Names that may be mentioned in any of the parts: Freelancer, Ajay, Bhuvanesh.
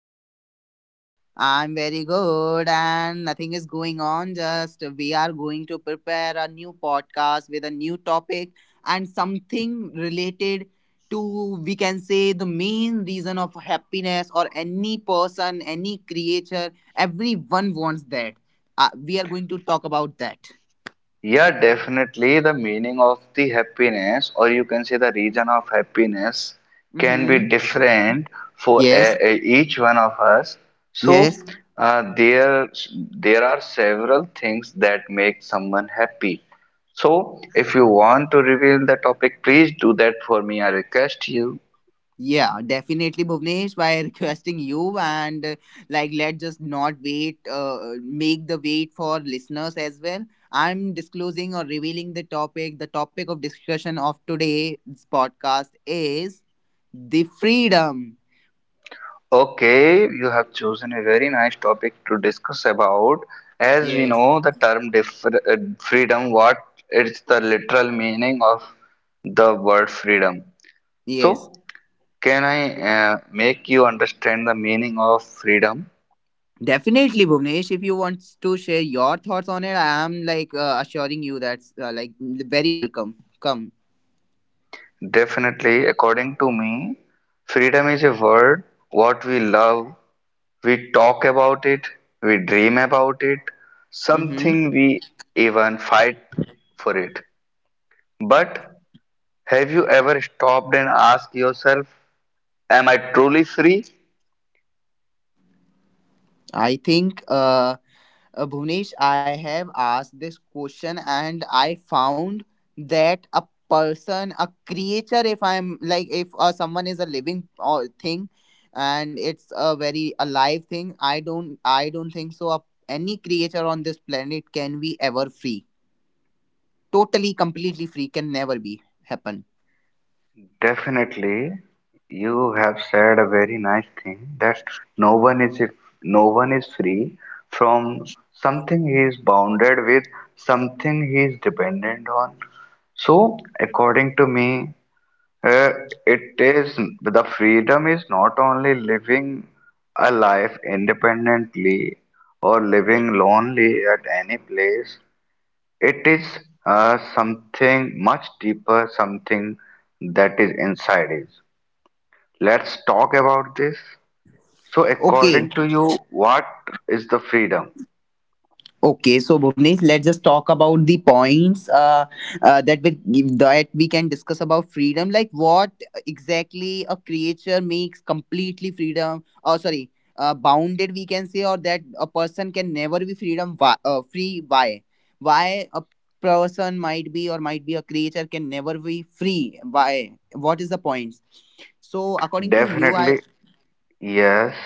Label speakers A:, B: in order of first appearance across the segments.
A: going on?
B: I'm very good, and nothing is going on. Just we are going to prepare a new podcast with a new topic and something related to, we can say, the main reason of happiness or any person, any creature. Everyone wants that. We are going to talk about that.
A: Yeah, definitely the meaning of the happiness, or you can say the region of happiness, can be
B: Mm-hmm.
A: different for
B: Yes.
A: each one of us. So,
B: Yes.
A: uh, there there are several things that make someone happy. So if you want to reveal the topic, please do that for me. I request you.
B: Yeah, definitely, Bhuvnesh. By requesting you and like, let's just not wait, make the wait for listeners as well. I'm disclosing or revealing the topic. The topic of discussion of today's podcast is the freedom.
A: Okay, you have chosen a very nice topic to discuss about. As we
B: Yes,
A: know, the term freedom, what is the literal meaning of the word freedom?
B: yes,
A: So, can I make you understand the meaning of freedom?
B: definitely, Bhuvnesh. If you want to share your thoughts on it, I am like assuring you that's like very welcome. Come.
A: Definitely, according to me, freedom is a word what we love, we talk about it, we dream about it,
B: Mm-hmm.
A: something we even fight for it. But have you ever stopped and asked yourself, am I truly free?
B: I think. Bhuvnesh, I have asked this question and I found that a person, a creature, if I'm like, if someone is a living or thing, and it's a very alive thing, I don't think so. Any creature on this planet can be ever free, totally, completely free, can never be happen.
A: Definitely, you have said a very nice thing that no one is if no one is free from something he is bounded with, something he is dependent on. So, according to me, uh, it is the freedom is not only living a life independently or living lonely at any place. It is something much deeper, something that is inside us. Let's talk about this. So, according to
B: Okay.
A: you, what is the freedom?
B: Okay, so Bhuvnesh, let's just talk about the points that we can discuss about freedom. Like what exactly a creature makes completely freedom. Oh, sorry, bounded we can say, or that a person can never be freedom why, free. Why? Why a person might be or might be a creature can never be free? Why? What is the points? So according to you, I
A: Definitely, yes.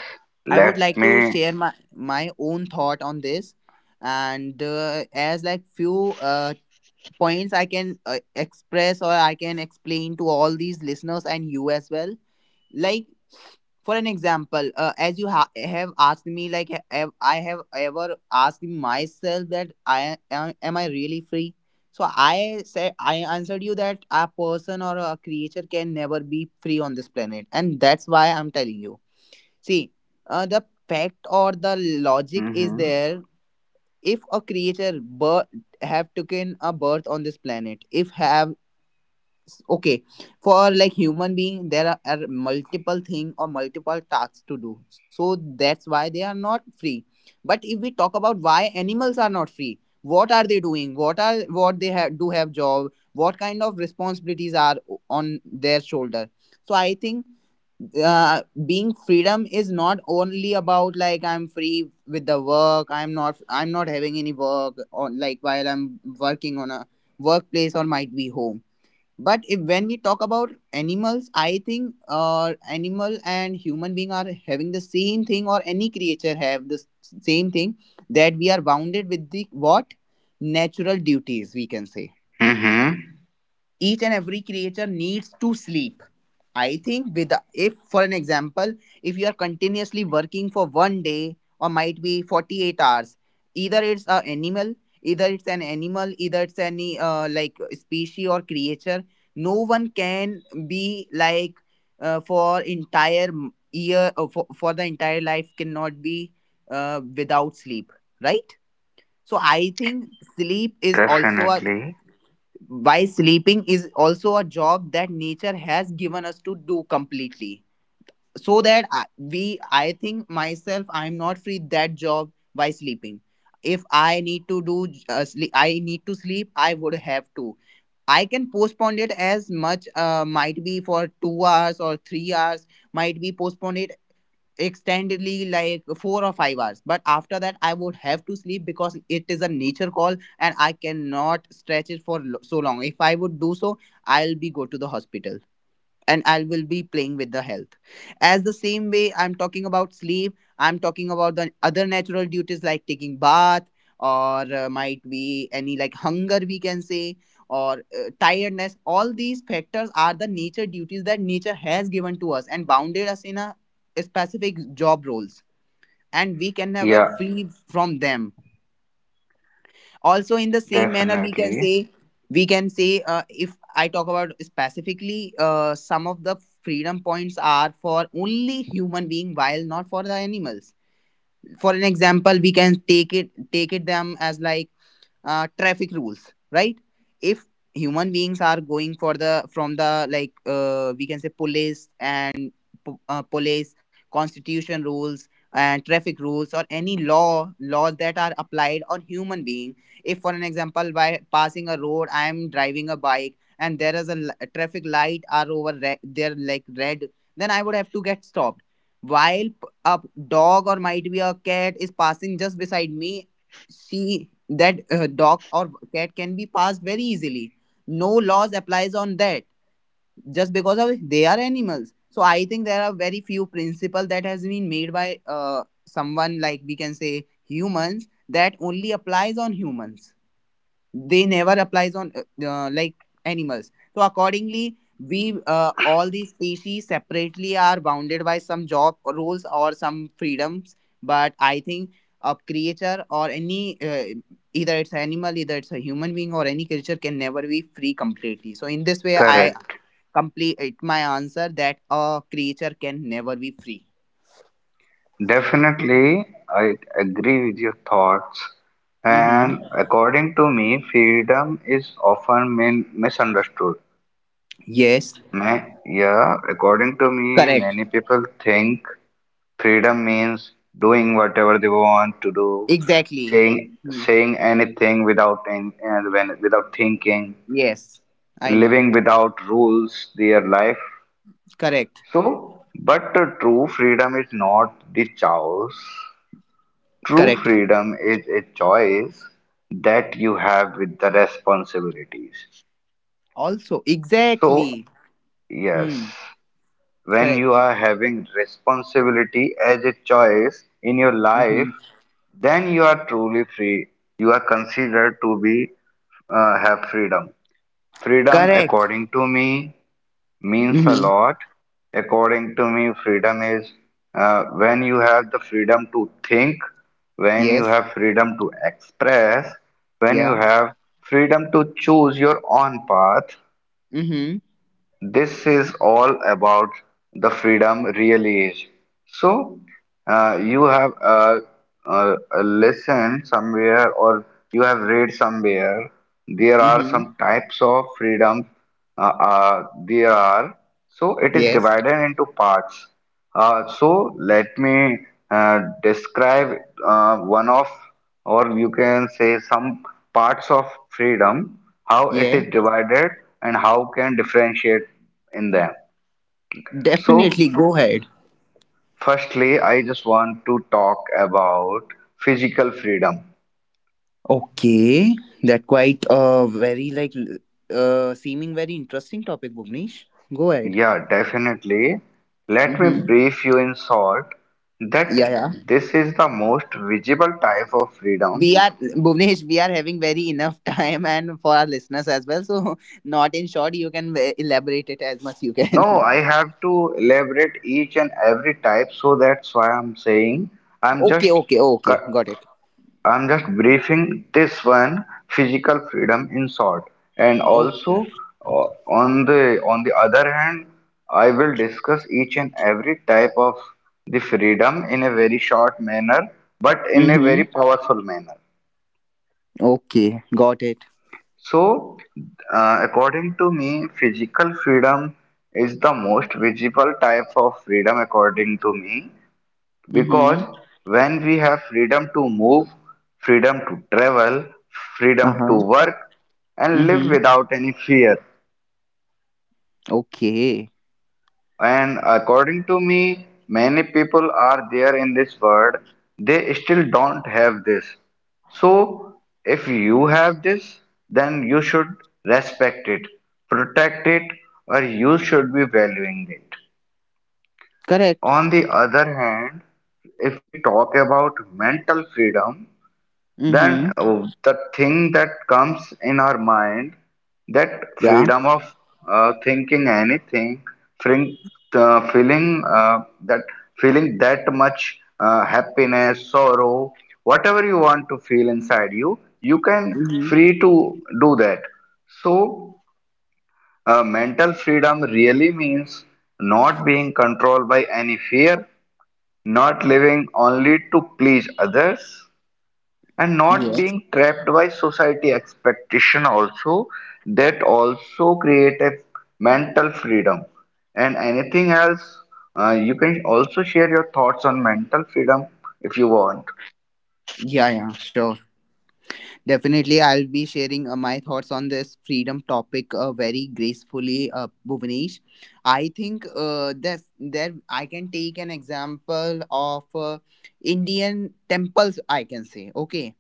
B: I would
A: Let
B: like to
A: me.
B: share my own thought on this, and as like few uh, points I can express or I can explain to all these listeners and you as well. Like for an example, as you have asked me, like have I have ever asked myself that am I really free? So I said I answered you that a person or a creature can never be free on this planet, and that's why I'm telling you. See, the fact or the logic is
A: Mm-hmm.
B: there. If a creature have taken a birth on this planet, if have okay for like human being there are multiple thing or multiple tasks to do so that's why they are not free, but if we talk about why animals are not free, what are they doing, what are what they have do have job, what kind of responsibilities are on their shoulder? So I think being freedom is not only about like I'm free with the work, I'm not having any work, or like while I'm working on a workplace or might be home. But if, when we talk about animals, I think animal and human being are having the same thing, or any creature have the same thing, that we are bounded with the what natural duties we can say.
A: Mm-hmm.
B: Each and every creature needs to sleep, I think. With the, if for an example, if you are continuously working for one day or might be 48 hours, either it's a animal, either it's an animal, either it's any like species or creature, no one can be like for entire year for the entire life cannot be without sleep, right? So I think sleep is also a
A: Definitely.
B: why sleeping is also a job that nature has given us to do completely, so that we I think myself I'm not free that job by sleeping. If I need to do sleep, I need to sleep, I would have to I can postpone it as much, might be for 2 hours or 3 hours, might be postponed it extendedly like 4 or 5 hours, but after that I would have to sleep, because it is a nature call and I cannot stretch it for so long. If I would do so, I'll be go to the hospital and I will be playing with the health. As the same way I'm talking about sleep, I'm talking about the other natural duties like taking bath or might be any like hunger we can say or tiredness. All these factors are the nature duties that nature has given to us and bounded us in a specific job roles, and we can never
A: Yeah,
B: free from them. Also, in the same manner we can
A: definitely.
B: say, if I talk about specifically some of the freedom points are for only human being while not for the animals. For an example, we can take it them as like traffic rules, right? If human beings are going for the like we can say police and police constitution rules and traffic rules or any laws that are applied on human being. If for an example, by passing a road I am driving a bike and there is a traffic light are there like red, then I would have to get stopped, while a dog or might be a cat is passing just beside me. She That dog or cat can be passed very easily. No laws applies on that, just because of they are animals. So I think there are very few principle that has been made by someone like we can say humans, that only applies on humans. They never applies on like animals. So accordingly, we all these species separately are bounded by some job rules or some freedoms. But I think a creature or any either it's animal, either it's a human being or any creature, can never be free completely. So in this way, I
A: Correct.
B: complete it my answer that a creature can never be free.
A: Definitely, I agree with your thoughts.
B: Mm-hmm.
A: And according to me, freedom is often misunderstood.
B: Yes.
A: Yeah, according to me,
B: Correct.
A: many people think freedom means doing whatever they want to do,
B: Exactly.
A: saying
B: Hmm.
A: saying anything without any, and when without thinking,
B: Yes, I know.
A: living without rules, their life.
B: Correct.
A: So, but the true freedom is not the choice. True
B: Correct.
A: freedom is a choice that you have with the responsibilities.
B: Also
A: So,
B: exactly.
A: yes.
B: Hmm.
A: When
B: Correct.
A: you are having responsibility as a choice in your life,
B: Hmm.
A: then you are truly free. You are considered to be, have freedom. Freedom,
B: Correct.
A: according to me, means a
B: Hmm.
A: lot. According to me, freedom is, when you have the freedom to think, when you
B: Yes.
A: have freedom to express, when you
B: Yeah.
A: have freedom to choose your own path,
B: Hmm.
A: this is all about the freedom really is. So, you have listened somewhere or you have read somewhere, there are
B: Hmm.
A: some types of freedom. There are. So, it is
B: Yes.
A: divided into parts. So, let me describe one of, or you can say some parts of freedom, how it is
B: Yeah,
A: divided and how can differentiate in them. So,
B: definitely, go ahead.
A: firstly, I just want to talk about physical freedom.
B: Okay. That quite very like seeming very interesting topic, Bhuvnesh. Go ahead.
A: Yeah, definitely. Let me
B: Hmm.
A: brief you in short
B: Yeah,
A: that
B: yeah,
A: this is the most visible type of
B: we
A: freedom.
B: are Bhuvnesh, we are having very enough time, and for our listeners as well. So not in short, you can elaborate it as much you
A: No,
B: can.
A: I have to elaborate each and every type, so that's why I'm saying I'm just
B: Okay, okay, okay,
A: cu-
B: got it.
A: I'm just briefing this one physical freedom in short, and
B: Okay.
A: also, uh, on the other hand, I will discuss each and every type of the freedom in a very short manner, but in a
B: Hmm.
A: very powerful manner.
B: Okay, got it.
A: So, according to me, physical freedom is the most visible type of freedom, according to me, because
B: Mm-hmm.
A: when we have freedom to move, freedom to travel, freedom to
B: Uh-huh.
A: work, and live
B: Mm-hmm.
A: without any fear.
B: Okay.
A: And according to me, many people are there in this world, they still don't have this. So, if you have this, then you should respect it, protect it, or you should be valuing it.
B: Correct.
A: On the other hand, if we talk about mental freedom,
B: Mm-hmm.
A: then the thing that comes in our mind, that
B: Yeah.
A: freedom of thinking anything, feeling, feeling that feeling that much happiness, sorrow, whatever you want to feel inside you can
B: Mm-hmm.
A: free to do that. So, mental freedom really means not being controlled by any fear, not living only to please others, and not
B: Yes.
A: being trapped by society expectation also. That also create a mental freedom, and anything else, you can also share your thoughts on mental freedom if you want.
B: Yeah, yeah, sure. Definitely, I'll be sharing my thoughts on this freedom topic very gracefully, Bhuvnesh. I think there I can take an example of Indian temples, I can say. Okay.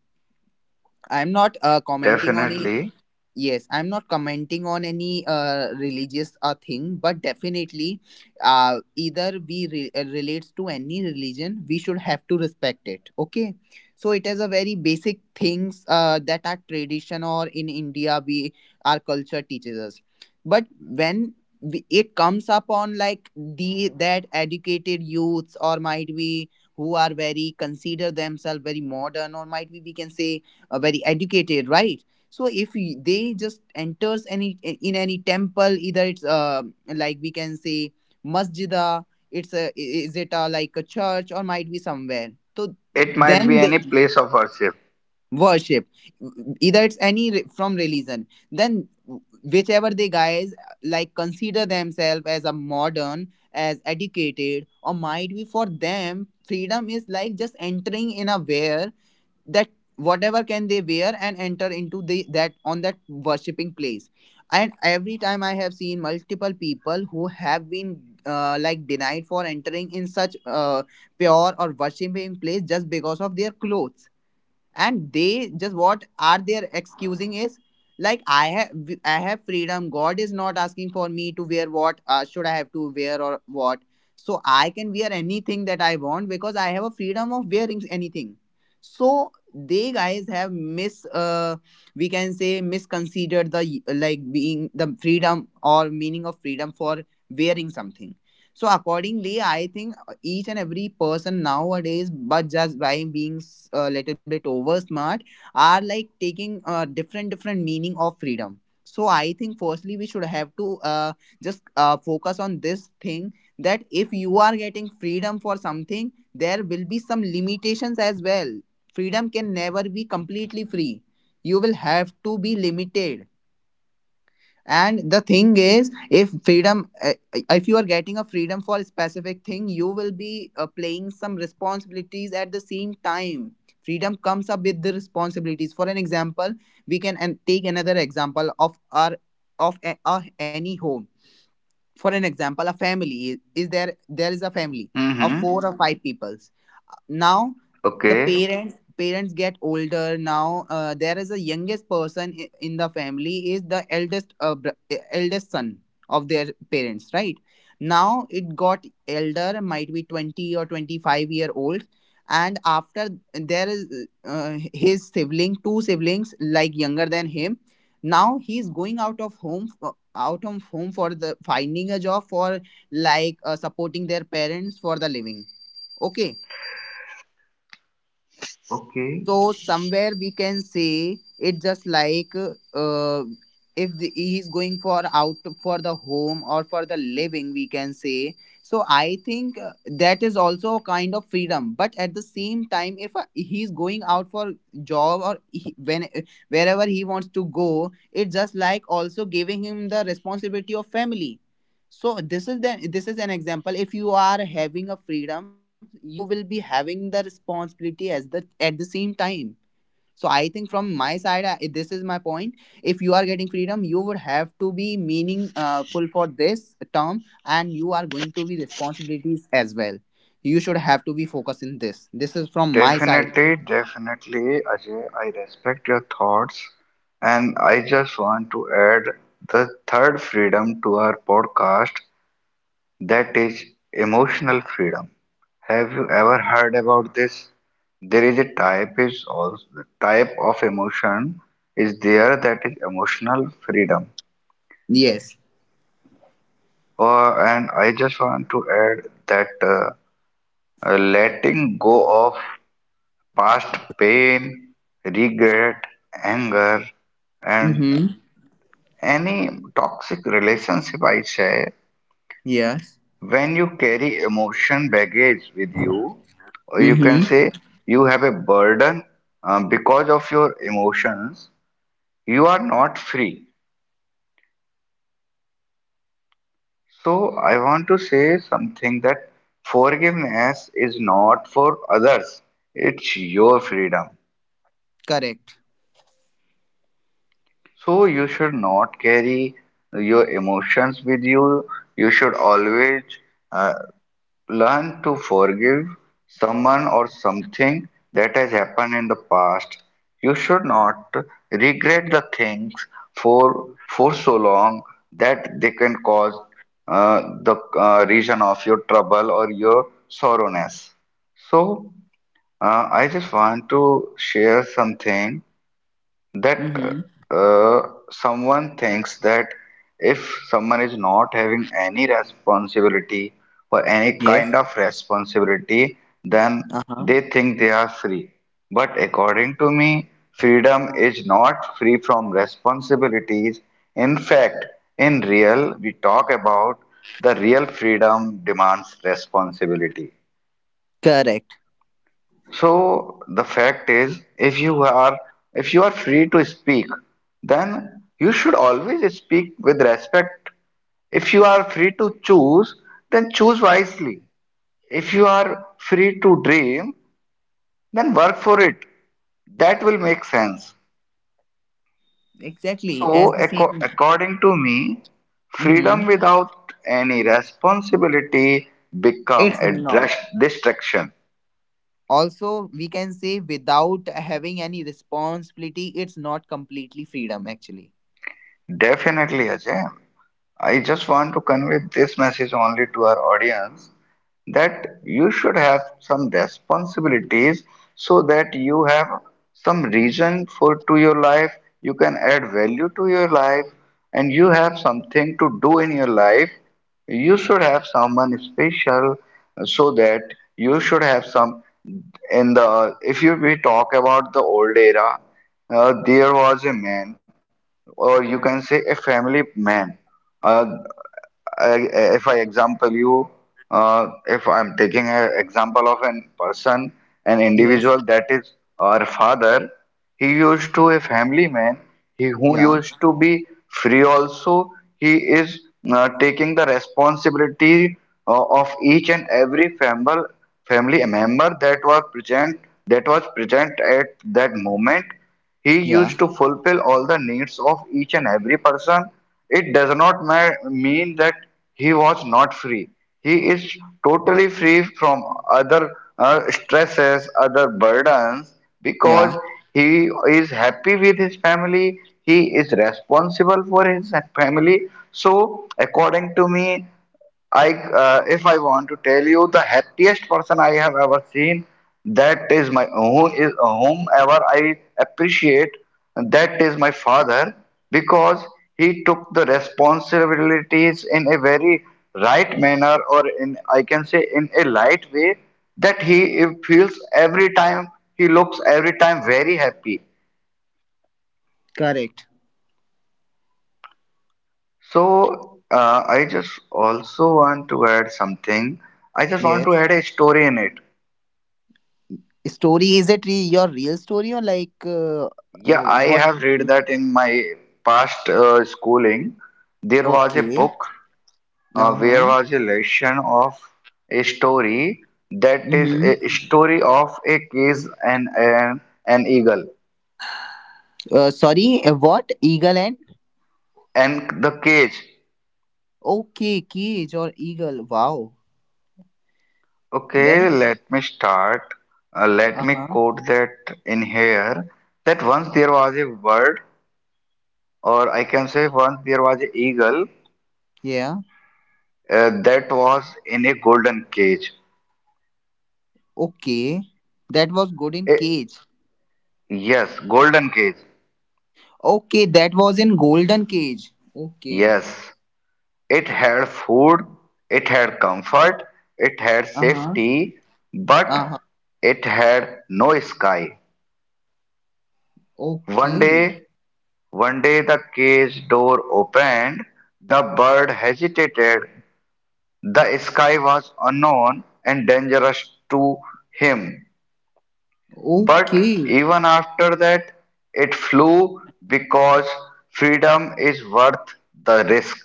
B: I'm not commenting on I-
A: Definitely.
B: Yes, I'm not commenting on any religious thing, but definitely, either we relates to any religion, we should have to respect it. Okay, so it is a very basic things that our tradition or in India we our culture teaches us. But when it comes upon like the that educated youths, or might be who are very consider themselves very modern, or might be we can say very educated, right? So if they just enters any in any temple, either it's like we can say masjida, is it a like a church or might be somewhere. So
A: It might
B: then
A: be
B: they
A: any place of worship.
B: worship, either it's any from religion. Then whichever they guys like consider themselves as a modern, as educated, or might be for them freedom is like just entering in a where that whatever can they wear and enter into the that on that worshipping place. And every time I have seen multiple people who have been like denied for entering in such pure or worshipping place just because of their clothes. And they just what are their excusing is like I have freedom, God is not asking for me to wear what should I have to wear or what. So I can wear anything that I want because I have a freedom of wearing anything. So they guys have mis we can say misconsidered the like being the freedom or meaning of freedom for wearing something. So accordingly I think each and every person nowadays, but just by being a little bit over smart, are like taking different different meaning of freedom. So I think firstly we should have to just focus on this thing that if you are getting freedom for something, there will be some limitations as well. Freedom can never be completely free. You will have to be limited, and the thing is, if freedom if you are getting a freedom for a specific thing, you will be playing some responsibilities at the same time. Freedom comes up with the responsibilities. For an example, we can and take another example of our any home. For an example, a family is there, there is a family of four
A: Mm-hmm.
B: or five peoples. Uh, Now the
A: Okay.
B: parents get older now. There is a youngest person in the family, is the eldest eldest son of their parents, right? Now it got elder, might be 20 or 25-year old. And after, there is uh, his sibling, two siblings, like, younger than him. Now he's going out of home, out of home for the finding a job, for like supporting their parents for the living, okay?
A: Okay.
B: So somewhere we can say it just like, if he's going for out, for the home or for the living, we can say. So I think that is also a kind of freedom, but at the same time, if he's going out for job, or he, when wherever he wants to go, it's just like also giving him the responsibility of family. So this is an example: if you are having a freedom, you will be having the responsibility as the at the same time. So I think, from my side, this is my point. If you are getting freedom, you would have to be meaningful for this term, and you are going to be responsibilities as well. You should have to be focused in this is from my side.
A: Definitely. Definitely, Ajay, I respect your thoughts, and I just want to add the third freedom to our podcast. That is emotional freedom. Have you ever heard about this? There is a type is also type of emotion is there, that is emotional freedom.
B: Yes.
A: And I just want to add that letting go of past pain, regret, anger, and
B: Mm-hmm.
A: any toxic relationship, I say.
B: Yes.
A: When you carry emotion baggage with you, or you can
B: Mm-hmm.
A: say you have a burden because of your emotions, you are not free. So, I want to say something, that forgiveness is not for others, it's your freedom.
B: Correct.
A: So, you should not carry your emotions with you. You should always, uh, learn to forgive someone or something that has happened in the past. You should not regret the things for so long that they can cause uh, the, reason of your trouble or your sorrowness. So, I just want to share something, that
B: Mm-hmm.
A: uh, someone thinks that if someone is not having any responsibility or any
B: Yes.
A: kind of responsibility, then
B: Uh-huh.
A: they think they are free. But according to me, freedom is not free from responsibilities. In fact, in real, we talk about the real freedom demands responsibility.
B: Correct.
A: So the fact is, if you are free to speak, then you should always speak with respect. If you are free to choose, then choose wisely. If you are free to dream, then work for it. That will make sense.
B: Exactly.
A: So,
B: As the same.
A: according to me,
B: Mm-hmm.
A: freedom without any responsibility become
B: It's
A: a
B: not.
A: distraction.
B: Also, we can say without having any responsibility, it's not completely freedom, actually.
A: Definitely, Ajay. I just want to convey this message only to our audience, that you should have some responsibilities so that you have some reason for to your life, you can add value to your life, and you have something to do in your life. You should have someone special, so that you should have some. In the, if you we talk about the old era, there was a man, or you can say a family man, uh, I- if I example you, if I'm taking an example of an person, an
B: Yes.
A: individual that is our father, he used to a family man, he who
B: Yeah.
A: used to be free also, he is taking the responsibility of each and every family member that was present at that moment. He
B: Yeah.
A: used to fulfill all the needs of each and every person. It does not mean that he was not free. He is totally free from other stresses, other burdens,
B: Yeah.
A: because he is happy with his family. He is responsible for his family. So, according to me, if I want to tell you the happiest person I have ever seen, that is my who is whomever I appreciate. That is my father, because he took the responsibilities in a very right manner, or in I can say in a light way. That he feels every time, he looks every time very happy.
B: Correct.
A: So, I just also want to add something. I just want
B: Yes.
A: to add a story in it.
B: Story, is it your real story or like
A: Yeah, I
B: what?
A: have read that in my past, schooling. There was a
B: Okay.
A: book,
B: Uh
A: where
B: huh.
A: was a lesson of a story, that is a
B: Mm-hmm.
A: story of a cage and an eagle
B: Sorry. What, eagle and
A: and the cage.
B: okay, cage or eagle? Wow.
A: Okay,
B: Then.
A: let me start. Let
B: Uh
A: me
B: huh.
A: quote that in here. That once there was a bird, or I can say once there was an eagle,
B: Yeah.
A: that was in a golden cage.
B: Okay. That was good in
A: A-
B: cage.
A: yes, golden cage.
B: Okay, that was in Golden Cage. Okay.
A: Yes, it had food, it had comfort, it had
B: Uh huh.
A: safety,
B: Uh
A: but
B: huh.
A: it had no sky. One
B: Okay.
A: day, the cage door opened. The bird hesitated. The sky was unknown and dangerous to him. But
B: Okay.
A: even after that, it flew, because freedom is worth the risk.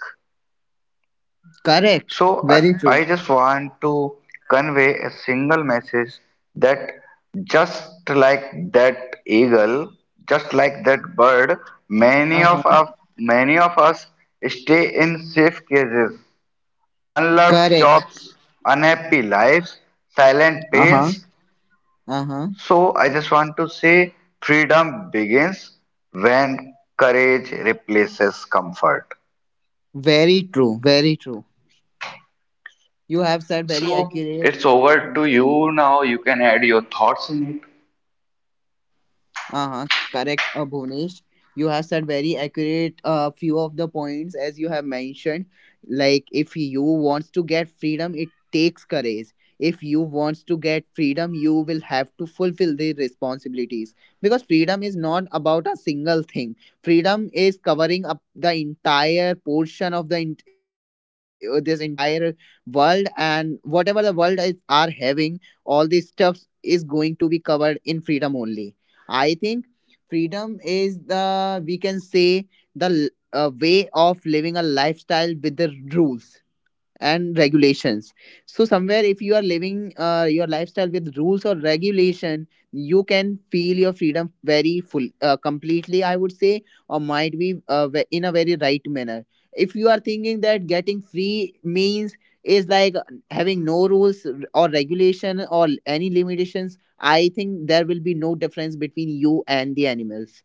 B: Correct.
A: So, I,
B: Very true.
A: I just want to convey a single message, that just like that eagle, just like that bird, many
B: Uh
A: of
B: huh.
A: us, many of us stay in safe cages, unloved
B: Correct.
A: jobs, unhappy lives, silent
B: Uh huh.
A: pains.
B: Uh huh.
A: So I just want to say, freedom begins when courage replaces comfort.
B: Very true. Very true. You have said very
A: So
B: accurate.
A: it's over to you now. You can add your thoughts in it.
B: Uh-huh, correct, Bhunesh. You have said very accurate few of the points as you have mentioned. Like, if you wants to get freedom, it takes courage. If you wants to get freedom, you will have to fulfill the responsibilities, because freedom is not about a single thing. Freedom is covering up the entire portion of the this entire world, and whatever the world is are having, all these stuffs is going to be covered in freedom only. I think freedom is, the, we can say, the l- way of living a lifestyle with the rules and regulations. So somewhere, if you are living your lifestyle with rules or regulation, you can feel your freedom very full, completely, I would say, or might be in a very right manner. If you are thinking that getting free means is like having no rules or regulation or any limitations, I think there will be no difference between you and the animals,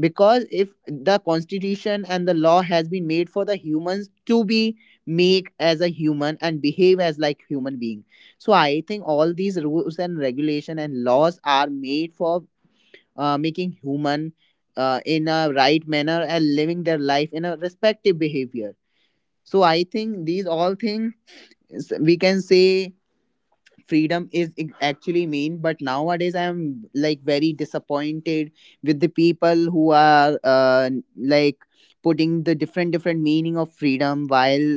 B: because if the constitution and the law has been made for the humans to be make as a human and behave as like human being. So I think all these rules and regulation and laws are made for making human in a right manner and living their life in a respective behavior. So I think these all things, we can say, freedom is actually mean, but nowadays I am, like, very disappointed with the people who are like putting the different different meaning of freedom, while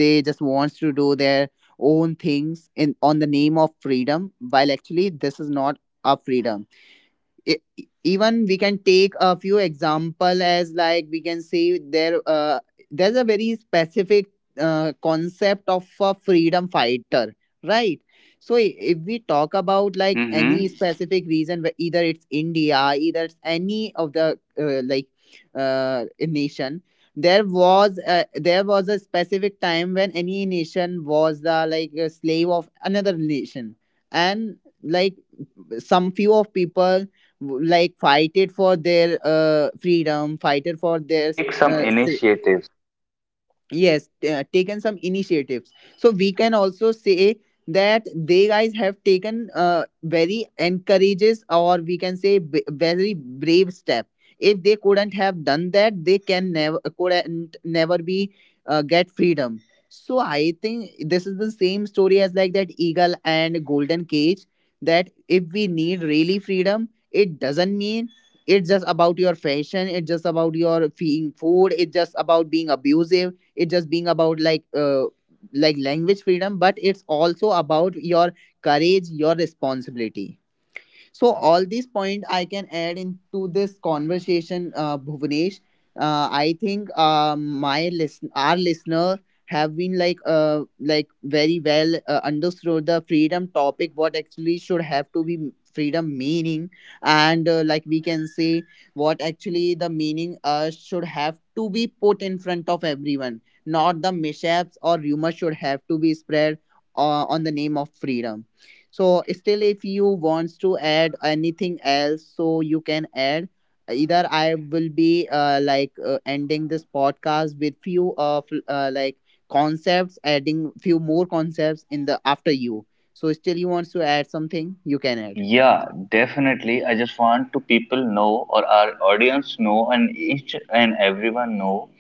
B: they just wants to do their own things in on the name of freedom, while actually this is not a freedom. I- Even we can take a few example, as like we can say, there there's a very specific concept of a freedom fighter, right? So if we talk about like any specific reason, either it's India, either it's any of the uh, like uh, nation, there was a specific time when any nation was the like a slave of another nation. And, like, some few of people, like fight it for their freedom, fight it for their
A: Take some
B: uh, s-
A: initiatives.
B: yes, taken some initiatives. So we can also say that they guys have taken very encourages, or we can say, very brave step. If they couldn't have done that, they can never couldn't never be get freedom. So I think this is the same story as like that eagle and golden cage, that if we need really freedom, it doesn't mean it's just about your fashion, it's just about your feeling food, it's just about being abusive, it just being about like language freedom, but it's also about your courage, your responsibility. So all these point I can add into this conversation, Bhuvanesh. I think our listener have been like very well understood the freedom topic. What actually should have to be freedom meaning, and like we can say what actually the meaning should have to be put in front of everyone, not the mishaps or rumors should have to be spread on the name of freedom. So still, if you wants to add anything else, so you can add. Either I will be ending this podcast with few of concepts, adding few more concepts in the after you. So still, you wants to add something, you can add.
A: Yeah, definitely. I just want to people know, or our audience know and each and everyone know,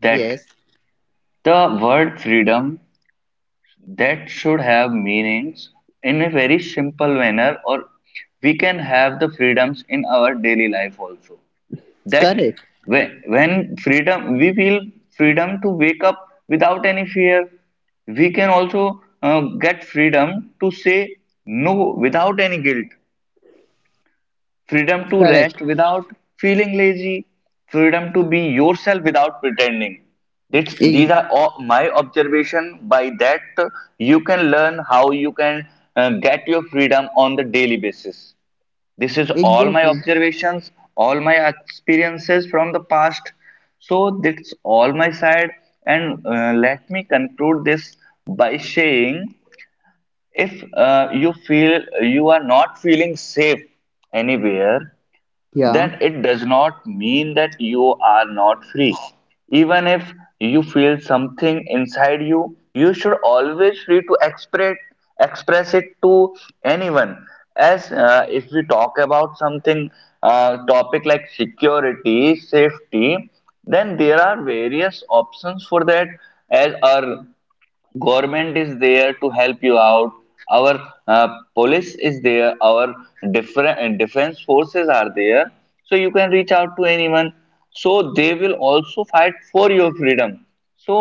A: that
B: Yes,
A: the word freedom that should have meanings in a very simple manner, or we can have the freedoms in our daily life also. That
B: correct,
A: when freedom, we feel freedom to wake up without any fear, we can also get freedom to say no without any guilt, freedom to
B: correct,
A: rest without feeling lazy, freedom to be yourself without pretending. It's, these
B: E-
A: are all my observation by that. You can learn how you can, uh,
B: exactly.
A: decisions or aspect. So that's all my. And, let me conclude this by, if you feel you are not feeling safe, and if
B: Yeah,
A: that, it does not mean that you are not free. Even if you feel something inside you should always free to express, express it to anyone. As, if we talk about something, topic like security, safety, then there are various options for that. As our government is there to help you out, our, uh, police is there, our different defense forces are there, so you can reach out to anyone, so they will also fight for your freedom. So,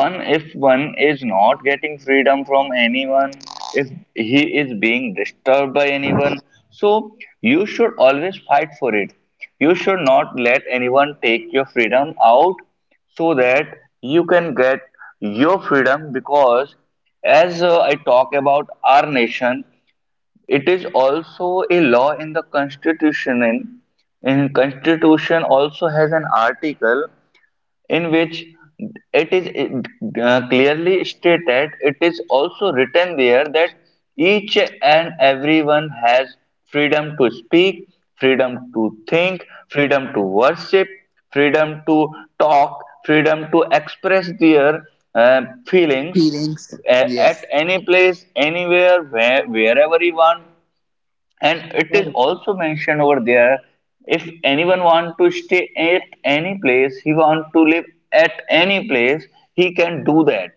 A: one if one is not getting freedom from anyone, if he is being disturbed by anyone, so you should always fight for it, you should not let anyone take your freedom out, so that you can get your freedom. Because, as I talk about our nation, it is also a law in the constitution. In constitution also has an article, in which it is clearly stated, it is also written there that each and everyone has freedom to speak, freedom to think, freedom to worship, freedom to talk, freedom to express their uh, feelings,
B: feelings.
A: at
B: Yes,
A: any place, anywhere, wherever you want. And it is
B: correct.
A: also mentioned over there, if anyone want to stay at any place, he want to live at any place, he can do that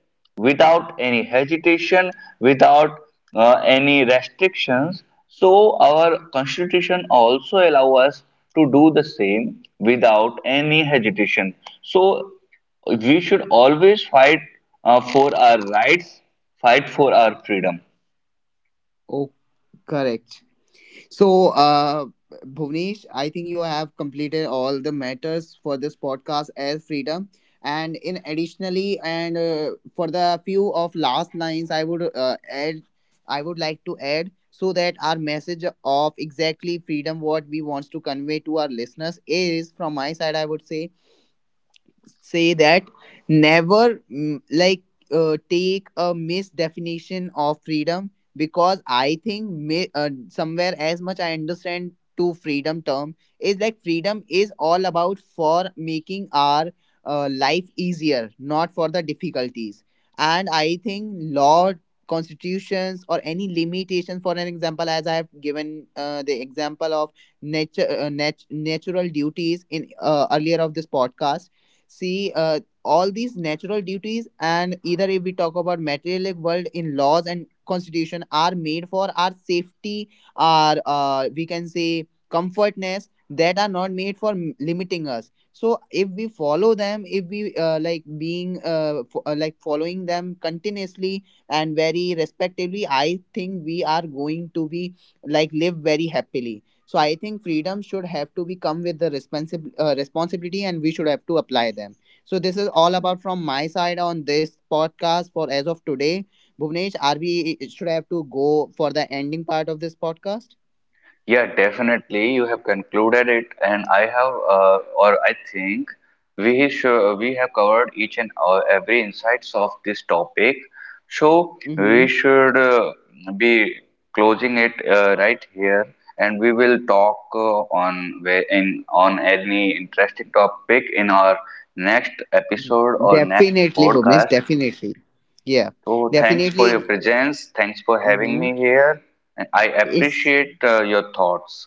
A: without any hesitation, without any restrictions. So our constitution also allow us to do the same without any hesitation. So we should always fight, for our rights, fight for our freedom.
B: Oh, correct. So, Bhuvnesh, I think you have completed all the matters for this podcast as freedom. And in additionally, and for the few of last lines, I would like to add, so that our message of exactly freedom, what we wants to convey to our listeners is from my side, I would say say that never like take a misdefinition of freedom, because I think may, somewhere as much I understand to freedom term is, like, freedom is all about for making our life easier, not for the difficulties. And I think law, constitutions, or any limitation, for an example, as I have given the example of nature, natural duties in earlier of this podcast, see, all these natural duties, and either if we talk about materialistic world in laws and constitution are made for our safety, our, we can say, comfortness, that are not made for limiting us. So if we follow them, if we like being f- like following them continuously and very respectively, I think we are going to be like live very happily. So I think freedom should have to be come with the responsible responsibility, and we should have to apply them. So this is all about from my side on this podcast for as of today. Bhuvnesh, are we should have to go for the ending part of this podcast?
A: Yeah, definitely. You have concluded it, and or I think, we have covered each and every insights of this topic. So
B: Mm-hmm.
A: we should, be closing it right here, and we will talk, on where in on any interesting topic in our next episode or next
B: Definitely, Bhuvnesh.
A: podcast.
B: Definitely. Yeah.
A: So thanks for your
B: Definitely.
A: presence. Thanks for having
B: Mm-hmm.
A: me here. And I
B: It's,
A: appreciate, your thoughts.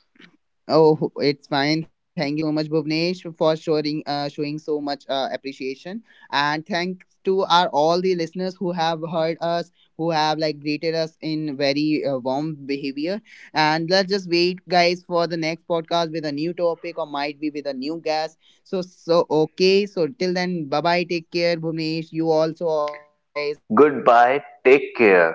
B: oh, it's fine. Thank you so much, Bhuvnesh, for showing showing so much appreciation, and thanks to our all the listeners who have heard us, who have like greeted us in very warm behavior. And let's just wait, guys, for the next podcast with a new topic, or might be with a new guest. So so okay. So till then, bye bye. Take care, Bhuvnesh. You also all guys.
A: Goodbye, take care.